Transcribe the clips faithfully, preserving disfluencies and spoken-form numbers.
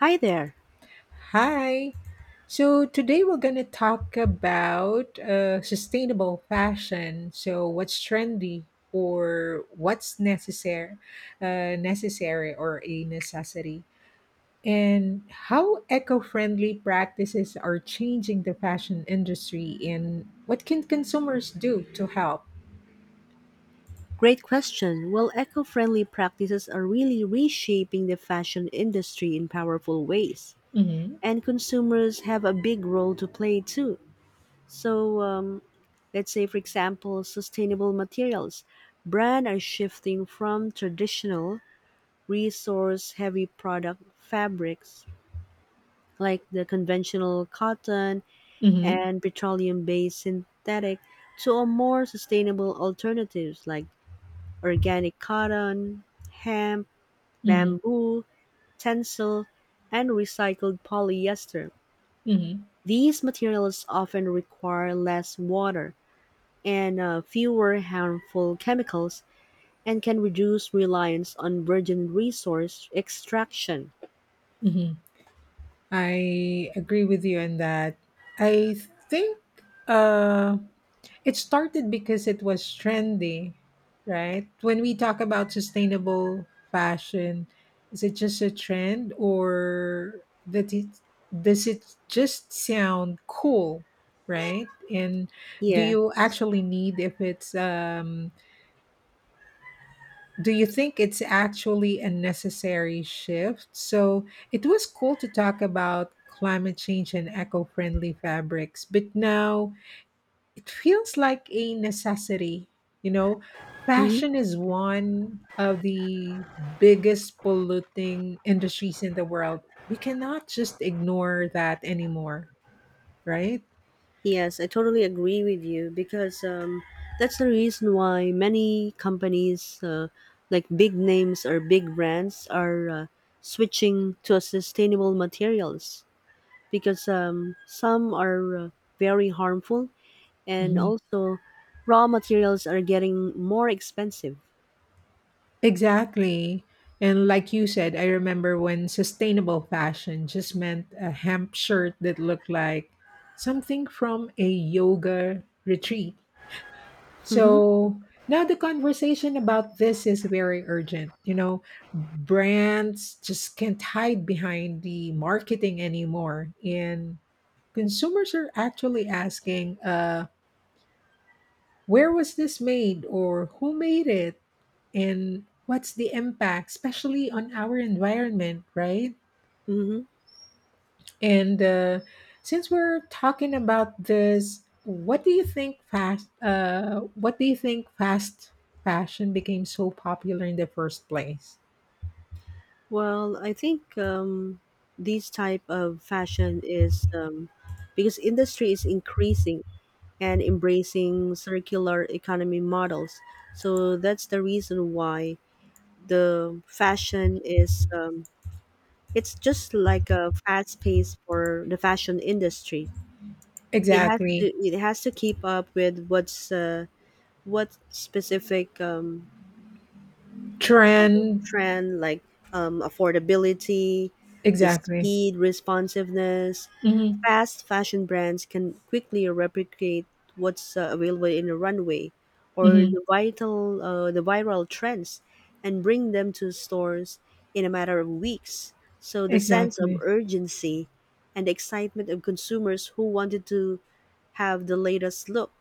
Hi there. Hi. So today we're going to talk about uh, sustainable fashion. So what's trendy or what's necessary, uh, necessary or a necessity, and how eco-friendly practices are changing the fashion industry, and what can consumers do to help? Great question. Well, eco friendly practices are really reshaping the fashion industry in powerful ways. Mm-hmm. And consumers have a big role to play too. So, um, let's say, for example, sustainable materials. Brands are shifting from traditional, resource heavy product fabrics like the conventional cotton Mm-hmm. and petroleum based synthetic to a more sustainable alternatives like organic cotton, hemp, Mm-hmm. bamboo, tencel, and recycled polyester. Mm-hmm. These materials often require less water and uh, fewer harmful chemicals and can reduce reliance on virgin resource extraction. Mm-hmm. I agree with you on that. I think. Uh, It started because it was trendy, right? When we talk about sustainable fashion, is it just a trend or that it does it just sound cool, right? And do Yeah. you actually need if it's um do you think it's actually a necessary shift? So it was cool to talk about climate change and eco-friendly fabrics, but now it feels like a necessity, you know, Mhm. fashion is one of the biggest polluting industries in the world, we cannot just ignore that anymore, right? Yes, I totally agree with you because um, that's the reason why many companies, uh, like big names or big brands, are uh, switching to a sustainable materials because um, some are uh, very harmful and Mhm. also raw materials are getting more expensive. Exactly. And like you said, I remember when sustainable fashion just meant a hemp shirt that looked like something from a yoga retreat. Mm-hmm. So now the conversation about this is very urgent. You know, brands just can't hide behind the marketing anymore. And consumers are actually asking, uh, where was this made or who made it? And what's the impact, especially on our environment, right? Mm-hmm. And uh, since we're talking about this, what do you think fast? Uh, what do you think fast fashion became so popular in the first place? Well, I think um, this type of fashion is um, because industry is increasing and embracing circular economy models. So that's the reason why the fashion is, um, it's just like a fast pace for the fashion industry. It has to Exactly, it has to keep up with what's, uh, what specific um, trend. trend, like um, affordability, the Exactly. speed, responsiveness. Hmm. Fast fashion brands can quickly replicate what's uh, available in a runway or Hmm. the vital uh, the viral trends and bring them to stores in a matter of weeks. So the sense of Exactly. urgency and excitement of consumers who wanted to have the latest look.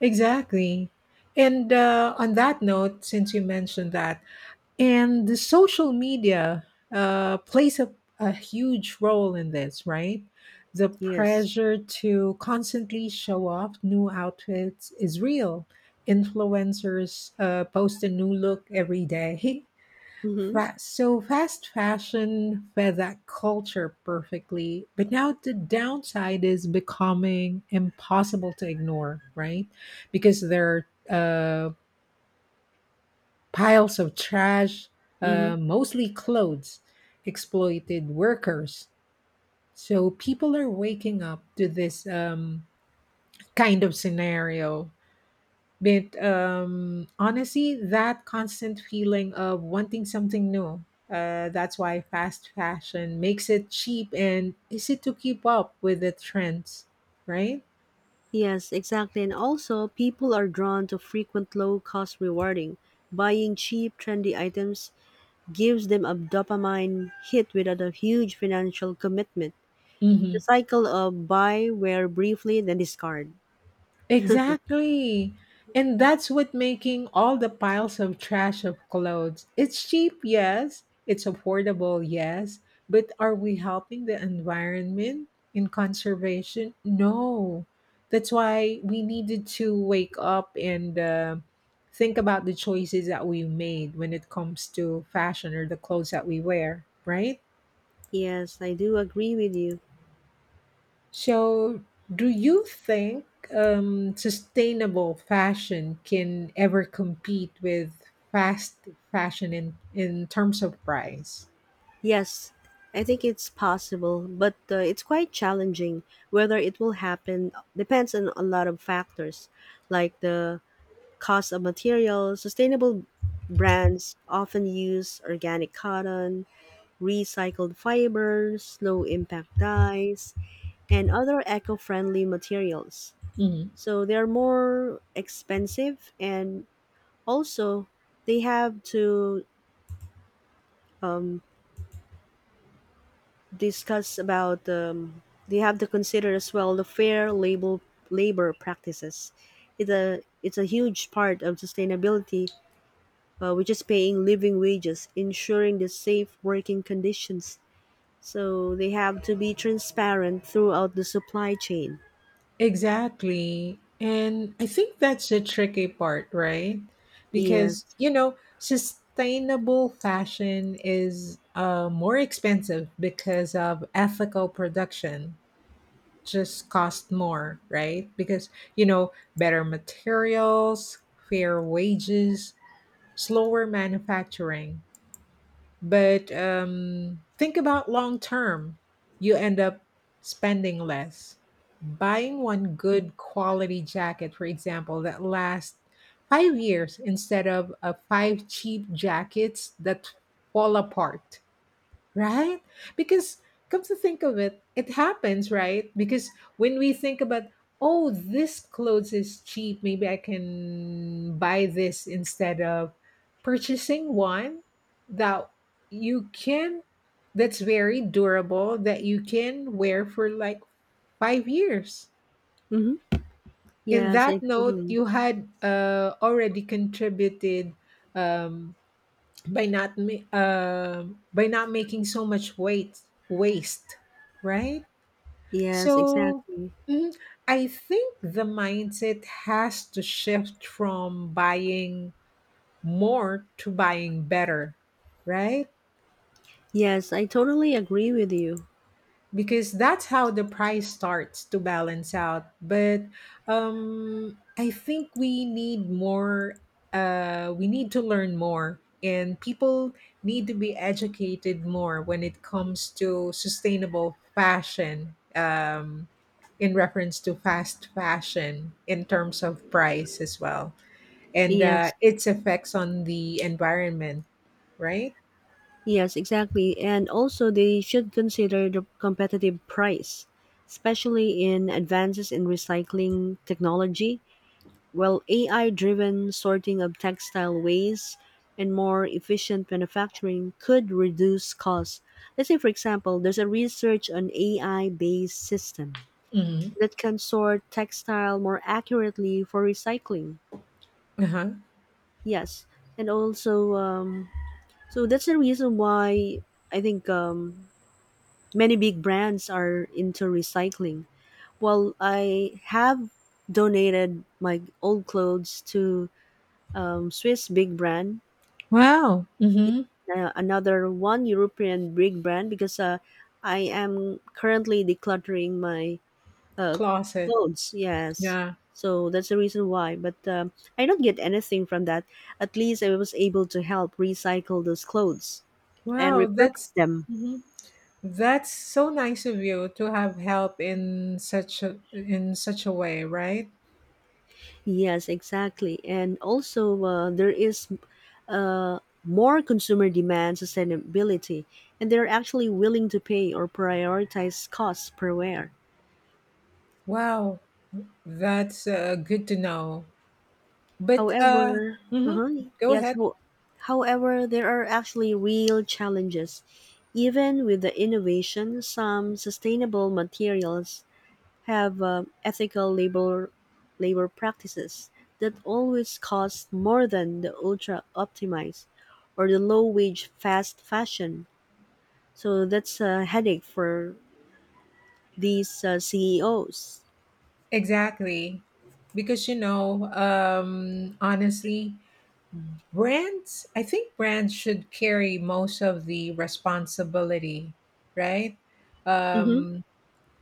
Exactly. And uh, on that note, since you mentioned that, and the social media uh, plays a, a huge role in this, right? The Yes. pressure to constantly show off new outfits is real. Influencers uh, post a new look every day. Mhm. Fa- So fast fashion fed that culture perfectly, but now the downside is becoming impossible to ignore, right? Because there are piles of trash, Mhm. uh, mostly clothes, exploited workers. So people are waking up to this um, kind of scenario. But um, honestly, that constant feeling of wanting something new. Uh, that's why fast fashion makes it cheap and easy to keep up with the trends, right? Yes, exactly. And also, people are drawn to frequent low cost rewarding. Buying cheap, trendy items gives them a dopamine hit without a huge financial commitment. The Mhm. cycle of buy, wear briefly, then discard. Exactly. And that's what making all the piles of trash of clothes. It's cheap, yes. It's affordable, yes. But are we helping the environment in conservation? No. That's why we needed to wake up and uh, think about the choices that we made when it comes to fashion or the clothes that we wear, right? Yes, I do agree with you. So, do you think um, sustainable fashion can ever compete with fast fashion in, in terms of price? Yes, I think it's possible, but uh, it's quite challenging. Whether it will happen depends on a lot of factors, like the cost of materials. Sustainable brands often use organic cotton, recycled fibers, low impact dyes, and other eco friendly materials. Mhm. So they're more expensive, and also they have to, um, discuss about, um, they have to consider as well the fair label labor practices. It's a it's a huge part of sustainability, uh, which is paying living wages, ensuring the safe working conditions. So they have to be transparent throughout the supply chain. Exactly. And I think that's the tricky part, right? Because, Yes. you know, sustainable fashion is uh, more expensive because of ethical production. Just cost more, right? Because, you know, better materials, fair wages, slower manufacturing. But um, think about long term. You end up spending less. Buying one good quality jacket, for example, that lasts five years instead of uh, five cheap jackets that fall apart. Right? Because come to think of it, it happens, right? Because when we think about, oh, this clothes is cheap, maybe I can buy this instead of purchasing one that you can, that's very durable, that you can wear for like five years. Mm-hmm. In Yes, that I note, totally. you had uh, already contributed, um, by not ma- uh, by not making so much weight waste, right? Yes, So, exactly. mm, I think the mindset has to shift from buying more to buying better, right? Yes, I totally agree with you. Because that's how the price starts to balance out, but um I think we need more, uh we need to learn more, and people need to be educated more when it comes to sustainable fashion, um in reference to fast fashion in terms of price as well, and uh, Yes, its effects on the environment, right? yes, exactly. And also, they should consider the competitive price, especially in advances in recycling technology. Well, A I driven sorting of textile waste and more efficient manufacturing could reduce costs. Let's say, for example, there's a research on A I based system Hmm. that can sort textile more accurately for recycling. Uh-huh. Yes. And also, um, so that's the reason why I think um, many big brands are into recycling. Well, I have donated my old clothes to, um, Swiss big brand, Wow. Hmm. uh, another one European big brand, because uh, I am currently decluttering my, uh, Closet. clothes. Yes, Yeah. so that's the reason why. But um, I don't get anything from that. At least I was able to help recycle those clothes and Wow, that's repurpose them. mhm. That's so nice of you to have help in such a in such a way, right? Yes, exactly. And also, uh, there is uh, more consumer demand sustainability, and they're actually willing to pay or prioritize costs per wear. Wow, that's uh, good to know. But uh, However, mhm, uh-huh, go yes, ahead. ho- however, there are actually real challenges. Even with the innovation, some sustainable materials have uh, ethical labor labor practices that always cost more than the ultra optimized or the low wage fast fashion. So that's a headache for these uh, C E Os. Exactly, because you know, um, honestly, brands. I think brands should carry most of the responsibility, right? Mm-hmm. Um,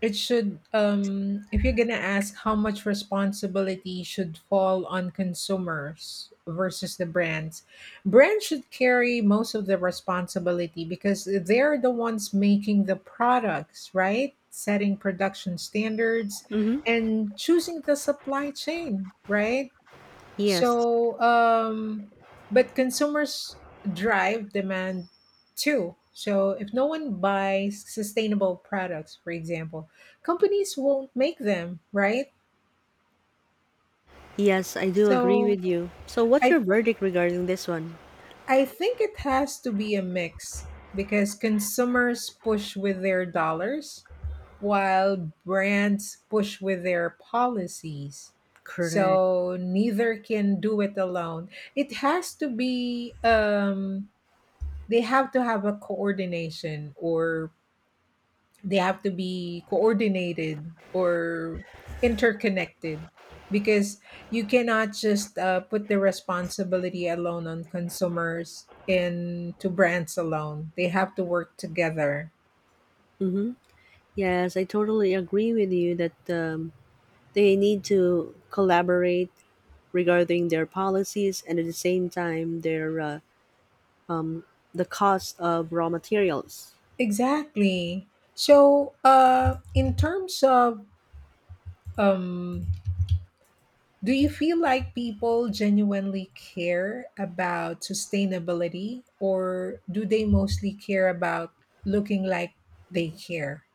It should, um, if you're going to ask how much responsibility should fall on consumers versus the brands, brands should carry most of the responsibility because they're the ones making the products, right? Setting production standards Mm-hmm. and choosing the supply chain, right? Yes. So, um, but consumers drive demand too. So, if no one buys sustainable products, for example, companies won't make them, right? Yes, I do agree So, with you. So what's I your verdict regarding this one? I think it has to be a mix because consumers push with their dollars while brands push with their policies. Correct. So neither can do it alone. It has to be um they have to have a coordination, or they have to be coordinated or interconnected, because you cannot just uh, put the responsibility alone on consumers, and to brands alone, they have to work together. Hmm. Yes, I totally agree with you that um, they need to collaborate regarding their policies, and at the same time their uh, the cost of raw materials. Exactly. So uh, in terms of, um, do you feel like people genuinely care about sustainability, or do they mostly care about looking like they care?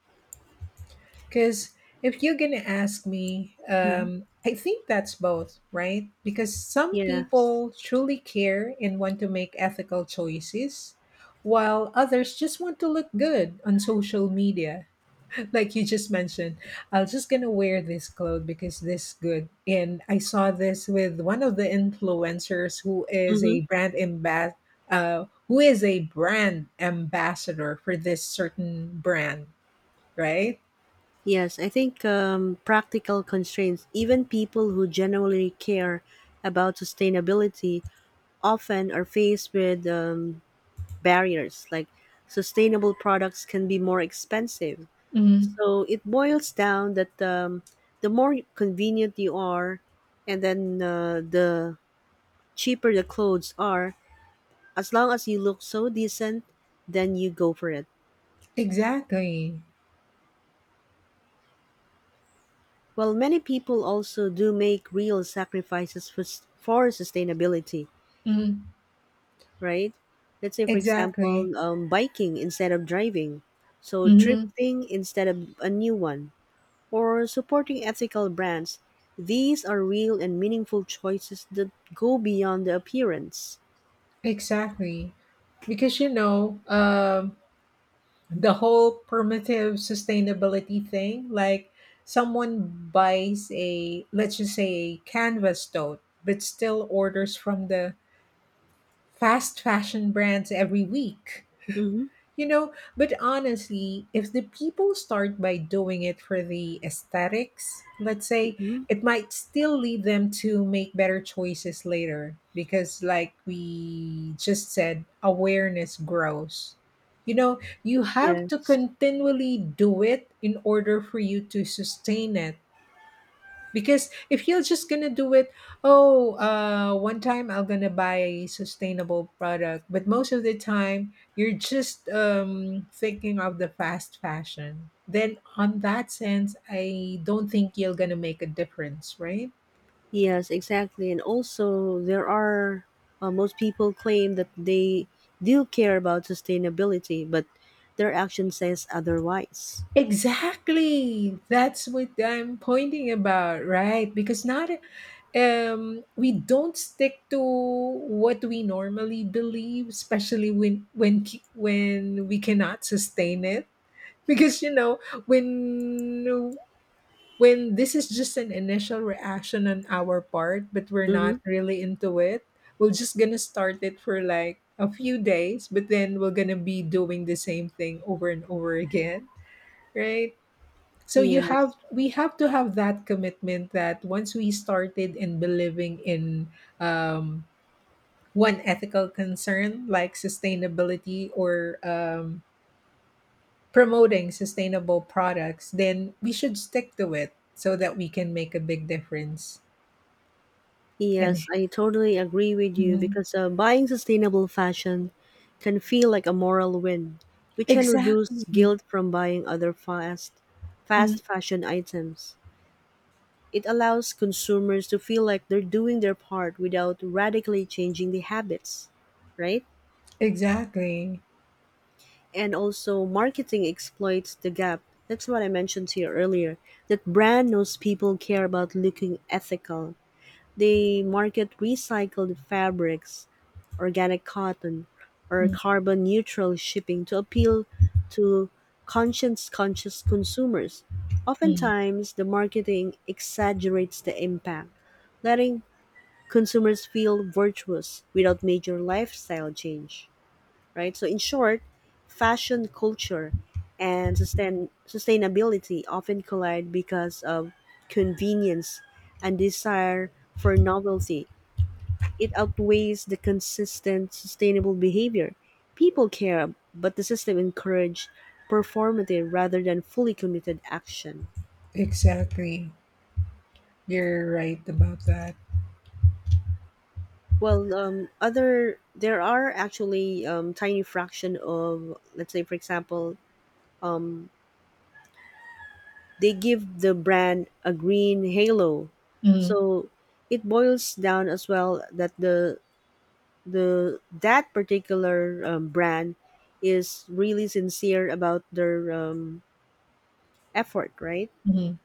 Because if you're going to ask me, Hmm. um, I think that's both, right? Because some Yes. people truly care and want to make ethical choices, while others just want to look good on social media, like you just mentioned. I was just gonna wear this clothes because this good, and I saw this with one of the influencers who is a Hmm. brand ambas- uh, who is a brand ambassador for this certain brand, right? Yes, I think um, practical constraints, even people who genuinely care about sustainability, often are faced with um, barriers like sustainable products can be more expensive. Hmm. So it boils down that um, the more convenient you are, and then uh, the cheaper the clothes are, as long as you look so decent, then you go for it. Exactly. Well, many people also do make real sacrifices for, s- for sustainability, Hmm. right? Let's say, for Exactly. example, um, biking instead of driving, so Hmm. thrifting instead of a new one, or supporting ethical brands. These are real and meaningful choices that go beyond the appearance. Exactly, because you know, um the whole permissive sustainability thing, like someone buys a, let's just say, a canvas tote, but still orders from the fast fashion brands every week. Mm-hmm. You know, but honestly, if the people start by doing it for the aesthetics, let's say, Mm-hmm. it might still lead them to make better choices later, because, like we just said, awareness grows. You know, you have to Yes. continually do it in order for you to sustain it, because if you're just gonna do it, oh uh one time I'm gonna buy a sustainable product, but most of the time you're just um thinking of the fast fashion, then on that sense I don't think you're gonna make a difference, right? Yes, exactly. And also, there are uh, most people claim that they do care about sustainability, but their action says otherwise. Exactly, that's what I'm pointing about, right? Because not, um we don't stick to what we normally believe, especially when when when we cannot sustain it. Because you know, when when this is just an initial reaction on our part, but we're Mm-hmm. not really into it, we're just gonna start it for like a few days, but then we're gonna be doing the same thing over and over again, right? So you have Yes. we have to have that commitment, that once we started in believing in, um, one ethical concern like sustainability or, um, promoting sustainable products, then we should stick to it so that we can make a big difference. And Yes, I totally agree with you mhm. because uh, buying sustainable fashion can feel like a moral win, which can reduce Exactly, guilt from buying other fast mhm. fast fashion items. It allows consumers to feel like they're doing their part without radically changing the habits, right? Exactly, And also marketing exploits the gap. That's what I mentioned to you earlier. That brand knows people care about looking ethical. They market recycled fabrics, organic cotton, or mhm. carbon neutral shipping to appeal to conscience conscious consumers. Mhm. Oftentimes, the marketing exaggerates the impact, letting consumers feel virtuous without major lifestyle change, right? So, in short, fashion culture and sustain- sustainability often collide because of convenience, and desire for novelty it outweighs the consistent, sustainable behavior. People care, but the system encourages performative rather than fully committed action. Exactly. You're right about that. Well, um, other there are actually um, tiny fraction of, let's say for example, um, they give the brand a green halo, Mhm. so it boils down as well that the the that particular um, brand is really sincere about their um, effort, right? Mhm.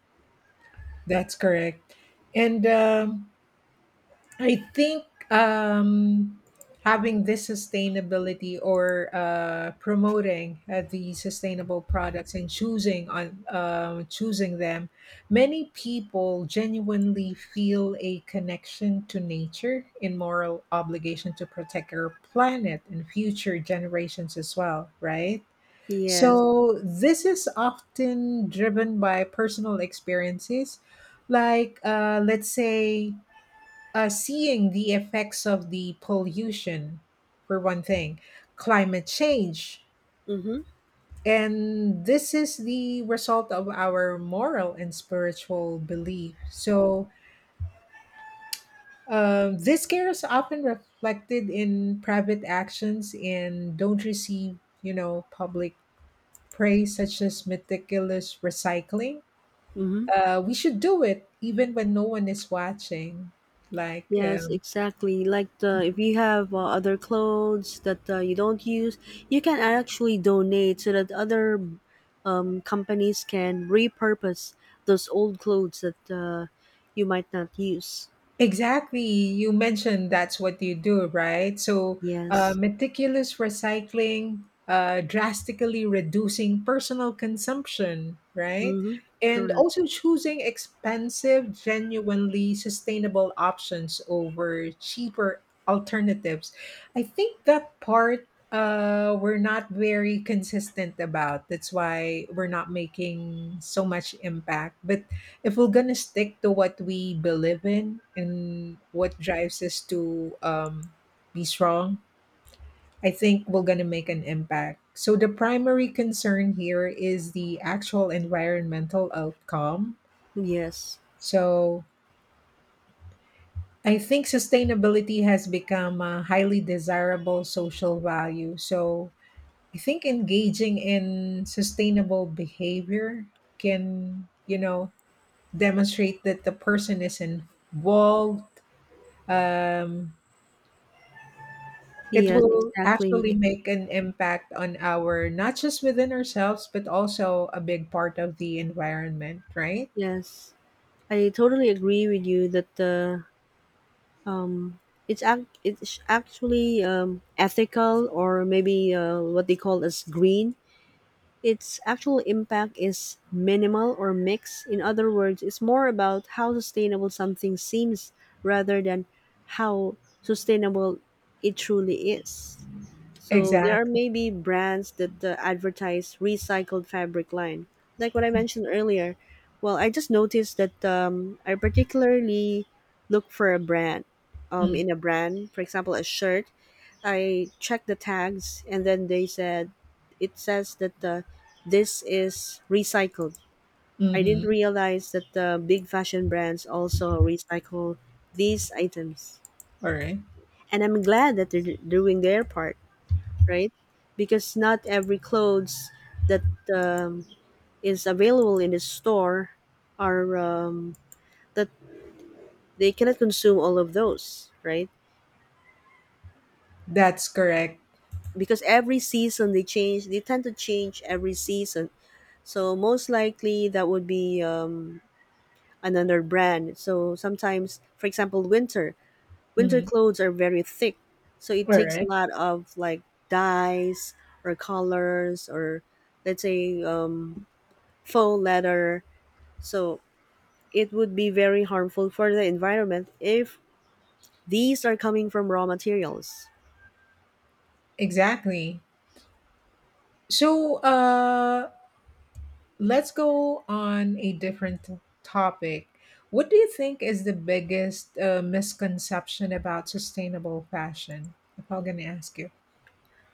That's correct. And um, I think, um, having this sustainability, or uh, promoting uh, the sustainable products, and choosing on uh, choosing them, many people genuinely feel a connection to nature and moral obligation to protect our planet and future generations as well, right? Yes. So this is often driven by personal experiences, like uh, let's say, uh, seeing the effects of the pollution, for one thing, climate change. Mm-hmm. And this is the result of our moral and spiritual belief. So, um, this care is often reflected in private actions and don't receive, you know, public praise, such as meticulous recycling. Mm-hmm. Uh, we should do it even when no one is watching. Like, Yes, uh, exactly. Like, the if you have uh, other clothes that uh, you don't use, you can actually donate so that other um, companies can repurpose those old clothes that uh, you might not use. exactly. You mentioned that's what you do, right? So, uh, Yes. meticulous recycling, uh, drastically reducing personal consumption, right? Mm-hmm. And Correct. also choosing expensive, genuinely sustainable options over cheaper alternatives. I think that part uh, we're not very consistent about. That's why we're not making so much impact. But if we're gonna stick to what we believe in and what drives us to, um, be strong, I think we're gonna make an impact. So the primary concern here is the actual environmental outcome. Yes. So I think sustainability has become a highly desirable social value. So I think engaging in sustainable behavior can, you know, demonstrate that the person is involved, um, it Yes. will actually Exactly. make an impact on our, not just within ourselves, but also a big part of the environment, right? Yes. I totally agree with you that uh, um, it's act it's actually um, ethical or maybe uh, what they call as green. Its actual impact is minimal or mixed. In other words, it's more about how sustainable something seems rather than how sustainable it truly is. So there are Exactly. maybe brands that uh, advertise recycled fabric line, like what I mentioned earlier. Well, I just noticed that um, I particularly look for a brand, um, Mm. in a brand, for example, a shirt. I check the tags, and then they said it says that uh, this is recycled. I didn't Mhm. realize that the big fashion brands also recycle these items, All right. and I'm glad that they're doing their part, right? Because not every clothes that um, is available in the store are, um, that they cannot consume all of those, right? That's correct. Because every season they change, they tend to change every season. So most likely that would be um, another brand. So sometimes, for example, winter winter Mhm. clothes are very thick, so it All takes a right. lot of, like, dyes or colors or, let's say, um, faux leather. So it would be very harmful for the environment if these are coming from raw materials. Exactly. So uh, let's go on a different t- topic. What do you think is the biggest uh, misconception about sustainable fashion, if I'm going to ask you?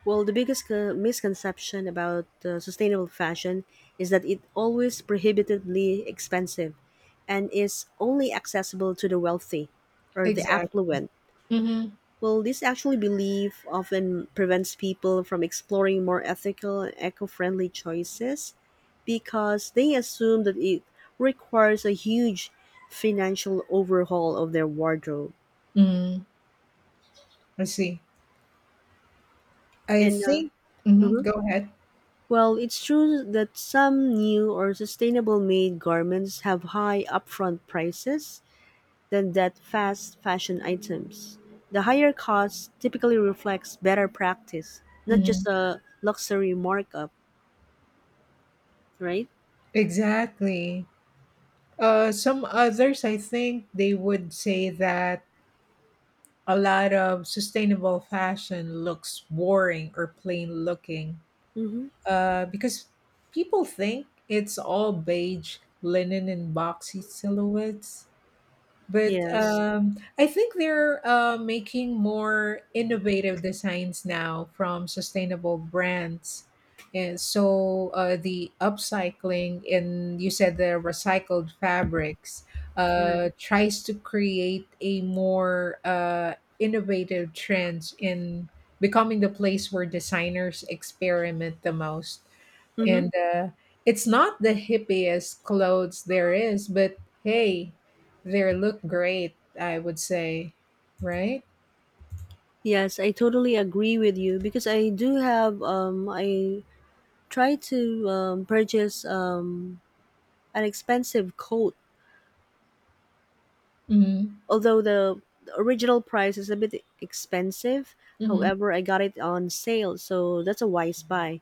Well, the biggest co- misconception about uh, sustainable fashion is that it always prohibitively expensive and is only accessible to the wealthy or the Exactly. affluent. Mm-hmm. Well, this actually belief often prevents people from exploring more ethical and eco-friendly choices because they assume that it requires a huge financial overhaul of their wardrobe. I see. I And uh, think, mhm, mhm. go ahead. Well, it's true that some new or sustainable made garments have high upfront prices than that fast fashion items. The higher cost typically reflects better practice, not Mhm. just a luxury markup, right? Exactly. Uh, some others, I think they would say that a lot of sustainable fashion looks boring or plain looking, Mm-hmm. uh, because people think it's all beige linen and boxy silhouettes. But Yes, um, I think they're uh, making more innovative designs now from sustainable brands. And so uh, the upcycling and you said the recycled fabrics correct. uh, tries to create a more uh, innovative trends in becoming the place where designers experiment the most. Mm-hmm. And uh, it's not the hippiest clothes there is, but hey, they look great, I would say, right? Yes, I totally agree with you because I do have, um I try to, um, purchase um an expensive coat, Hmm. although the the original price is a bit expensive. Hmm. However, I got it on sale, so that's a wise buy.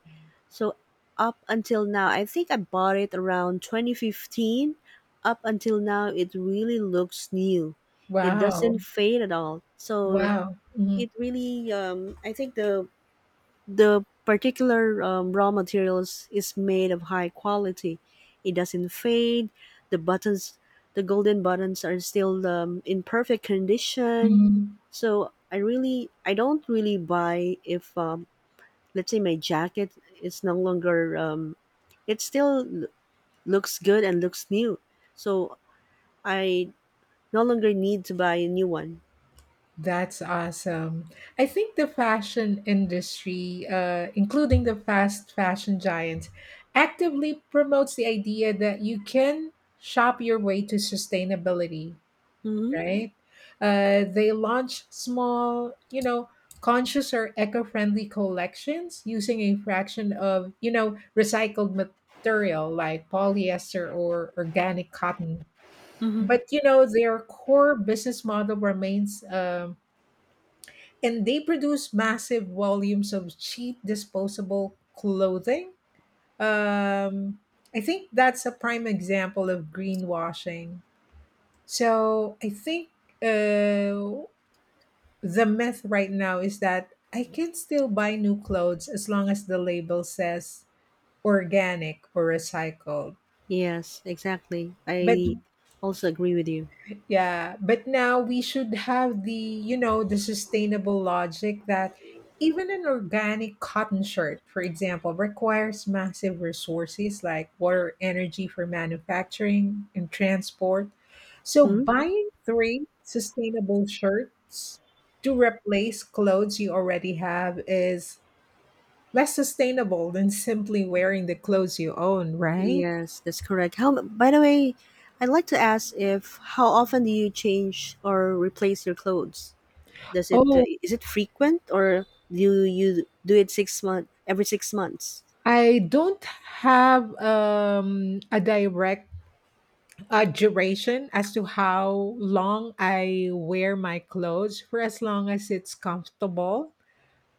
So up until now, I think I bought it around twenty fifteen. Up until now, it really looks new. It Wow. doesn't fade at all. So Wow. Mhm. it really, um, I think the the particular um, raw materials is made of high quality. It doesn't fade. the buttons the golden buttons are still um, in perfect condition. Mhm. So i really I don't really buy if, um, let's say my jacket is no longer, um, it still l- looks good and looks new, so I no longer need to buy a new one. That's awesome. I think the fashion industry, uh, including the fast fashion giants, actively promotes the idea that you can shop your way to sustainability, Mm-hmm. right? Uh, they launch small, you know, conscious or eco-friendly collections using a fraction of, you know, recycled material like polyester or organic cotton. Mm-hmm. But you know, their core business model remains, um, and they produce massive volumes of cheap disposable clothing. Um, I think that's a prime example of greenwashing. So I think uh, the myth right now is that I can still buy new clothes as long as the label says organic or recycled. Yes, exactly. But I also agree with you. yeah, but now we should have the, you know, the sustainable logic that even an organic cotton shirt, for example, requires massive resources like water, energy for manufacturing and transport. So Hmm? buying three sustainable shirts to replace clothes you already have is less sustainable than simply wearing the clothes you own, right? Yes, that's correct. How, by the way, I'd like to ask if how often do you change or replace your clothes? Does it uh, Oh, is it frequent, or do you do it six month every six months? I don't have um, a direct uh, duration as to how long I wear my clothes. For as long as it's comfortable,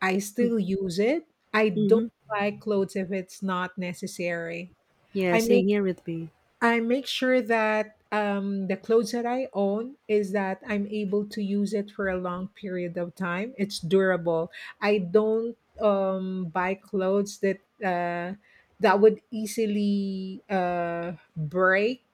I Mm, still use it. I don't mm-hmm. buy clothes if it's not necessary. Yeah, I same make here with me. I make sure that um, the clothes that I own is that I'm able to use it for a long period of time. It's durable. I don't um, buy clothes that uh, that would easily uh, break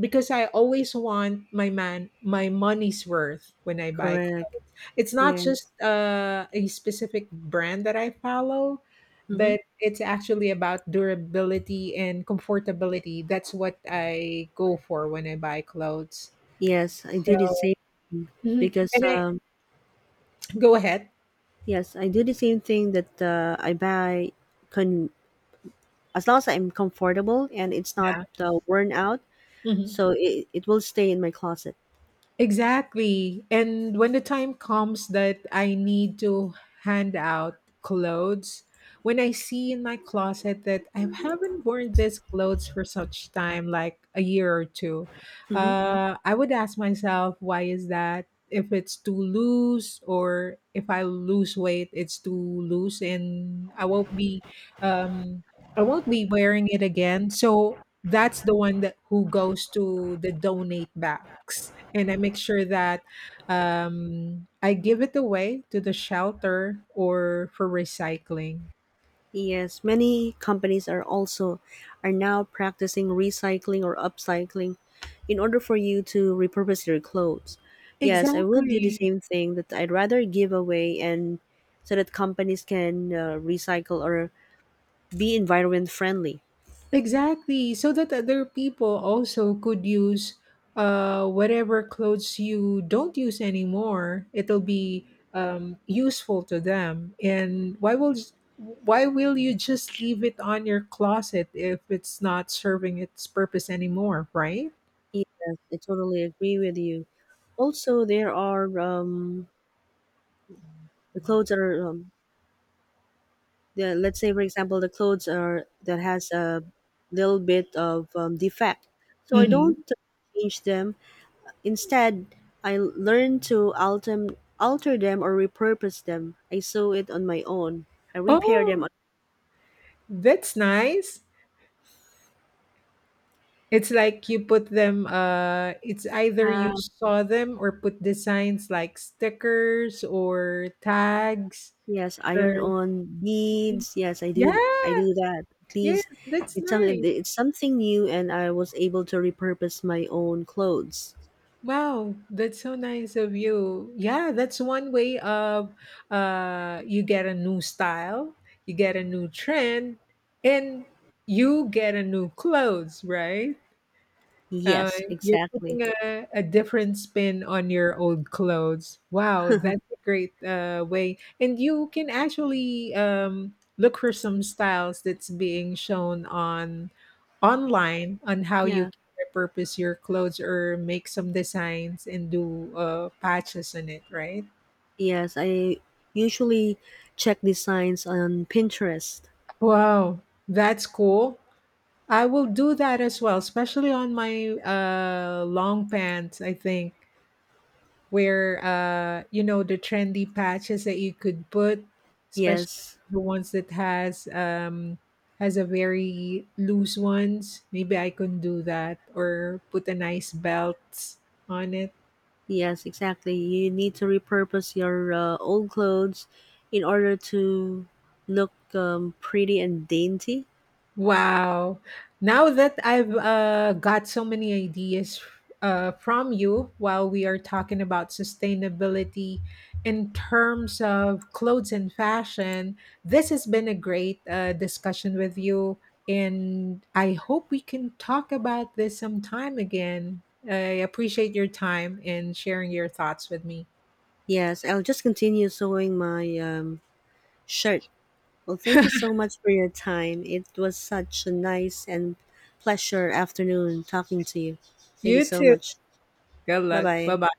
because I always want my man my money's worth when I buy Correct. clothes. It's not Yes. just, uh, a specific brand that I follow, Mm-hmm. but it's actually about durability and comfortability. That's what I go for when I buy clothes. Yes, I do the So same thing mhm, because, and I um, go ahead. yes, I do the same thing that, uh, I buy, con as long as I'm comfortable and it's not Yeah. uh, worn out, Mhm. so it, it will stay in my closet. Exactly. And when the time comes that I need to hand out clothes, when I see in my closet that I haven't worn these clothes for such time, like a year or two, Hmm. uh, I would ask myself, why is that? If it's too loose, or if I lose weight, it's too loose, and I won't be, um, I won't be wearing it again. So that's the one that who goes to the donate box, and I make sure that um, I give it away to the shelter or for recycling. Yes, many companies are also are now practicing recycling or upcycling in order for you to repurpose your clothes. Yes, I would do the Exactly. same thing, that I'd rather give away, and so that companies can uh, recycle or be environment friendly. Exactly, so that other people also could use uh, whatever clothes you don't use anymore. It'll be um, useful to them. And why will why will you just leave it on your closet if it's not serving its purpose anymore, right? Yes, I totally agree with you. Also, there are, um, the clothes are, um, the, let's say for example the clothes are that has a little bit of um, defect, so I don't Mm-hmm. change them. Instead, I learn to alter, alter them or repurpose them. I sew it on my own. I repair them Oh, on, that's nice. It's like you put them, uh, it's either you uh, saw them or put designs like stickers or tags yes, iron or on beads. Yes, I do, yeah, th- I do that, at yes, least. that's it's something nice. it's something new, and I was able to repurpose my own clothes. Wow, that's so nice of you. Yeah, that's one way of uh you get a new style, you get a new trend, and you get a new clothes, right? Uh, Yes, you're exactly. putting a, a different spin on your old clothes. Wow, that's a great uh, way. And you can actually um, look for some styles that's being shown on online on how you Yeah. can repurpose your clothes or make some designs and do uh, patches on it, right? Yes, I usually check designs on Pinterest. Wow, that's cool. I will do that as well, especially on my uh, long pants. I think where uh you know the trendy patches that you could put, especially Yes, the ones that has um has a very loose ones, maybe I can do that or put a nice belt on it. yes, exactly. You need to repurpose your uh, old clothes in order to look um, pretty and dainty. Wow. Now that I've uh, got so many ideas uh, from you while we are talking about sustainability in terms of clothes and fashion, this has been a great uh, discussion with you. And I hope we can talk about this sometime again. I appreciate your time and sharing your thoughts with me. Yes, I'll just continue sewing my um, shirt. Well, thank you so much for your time. It was such a nice and pleasure afternoon talking to you. Thank you You so too. much. Good Bye luck. Bye bye. bye.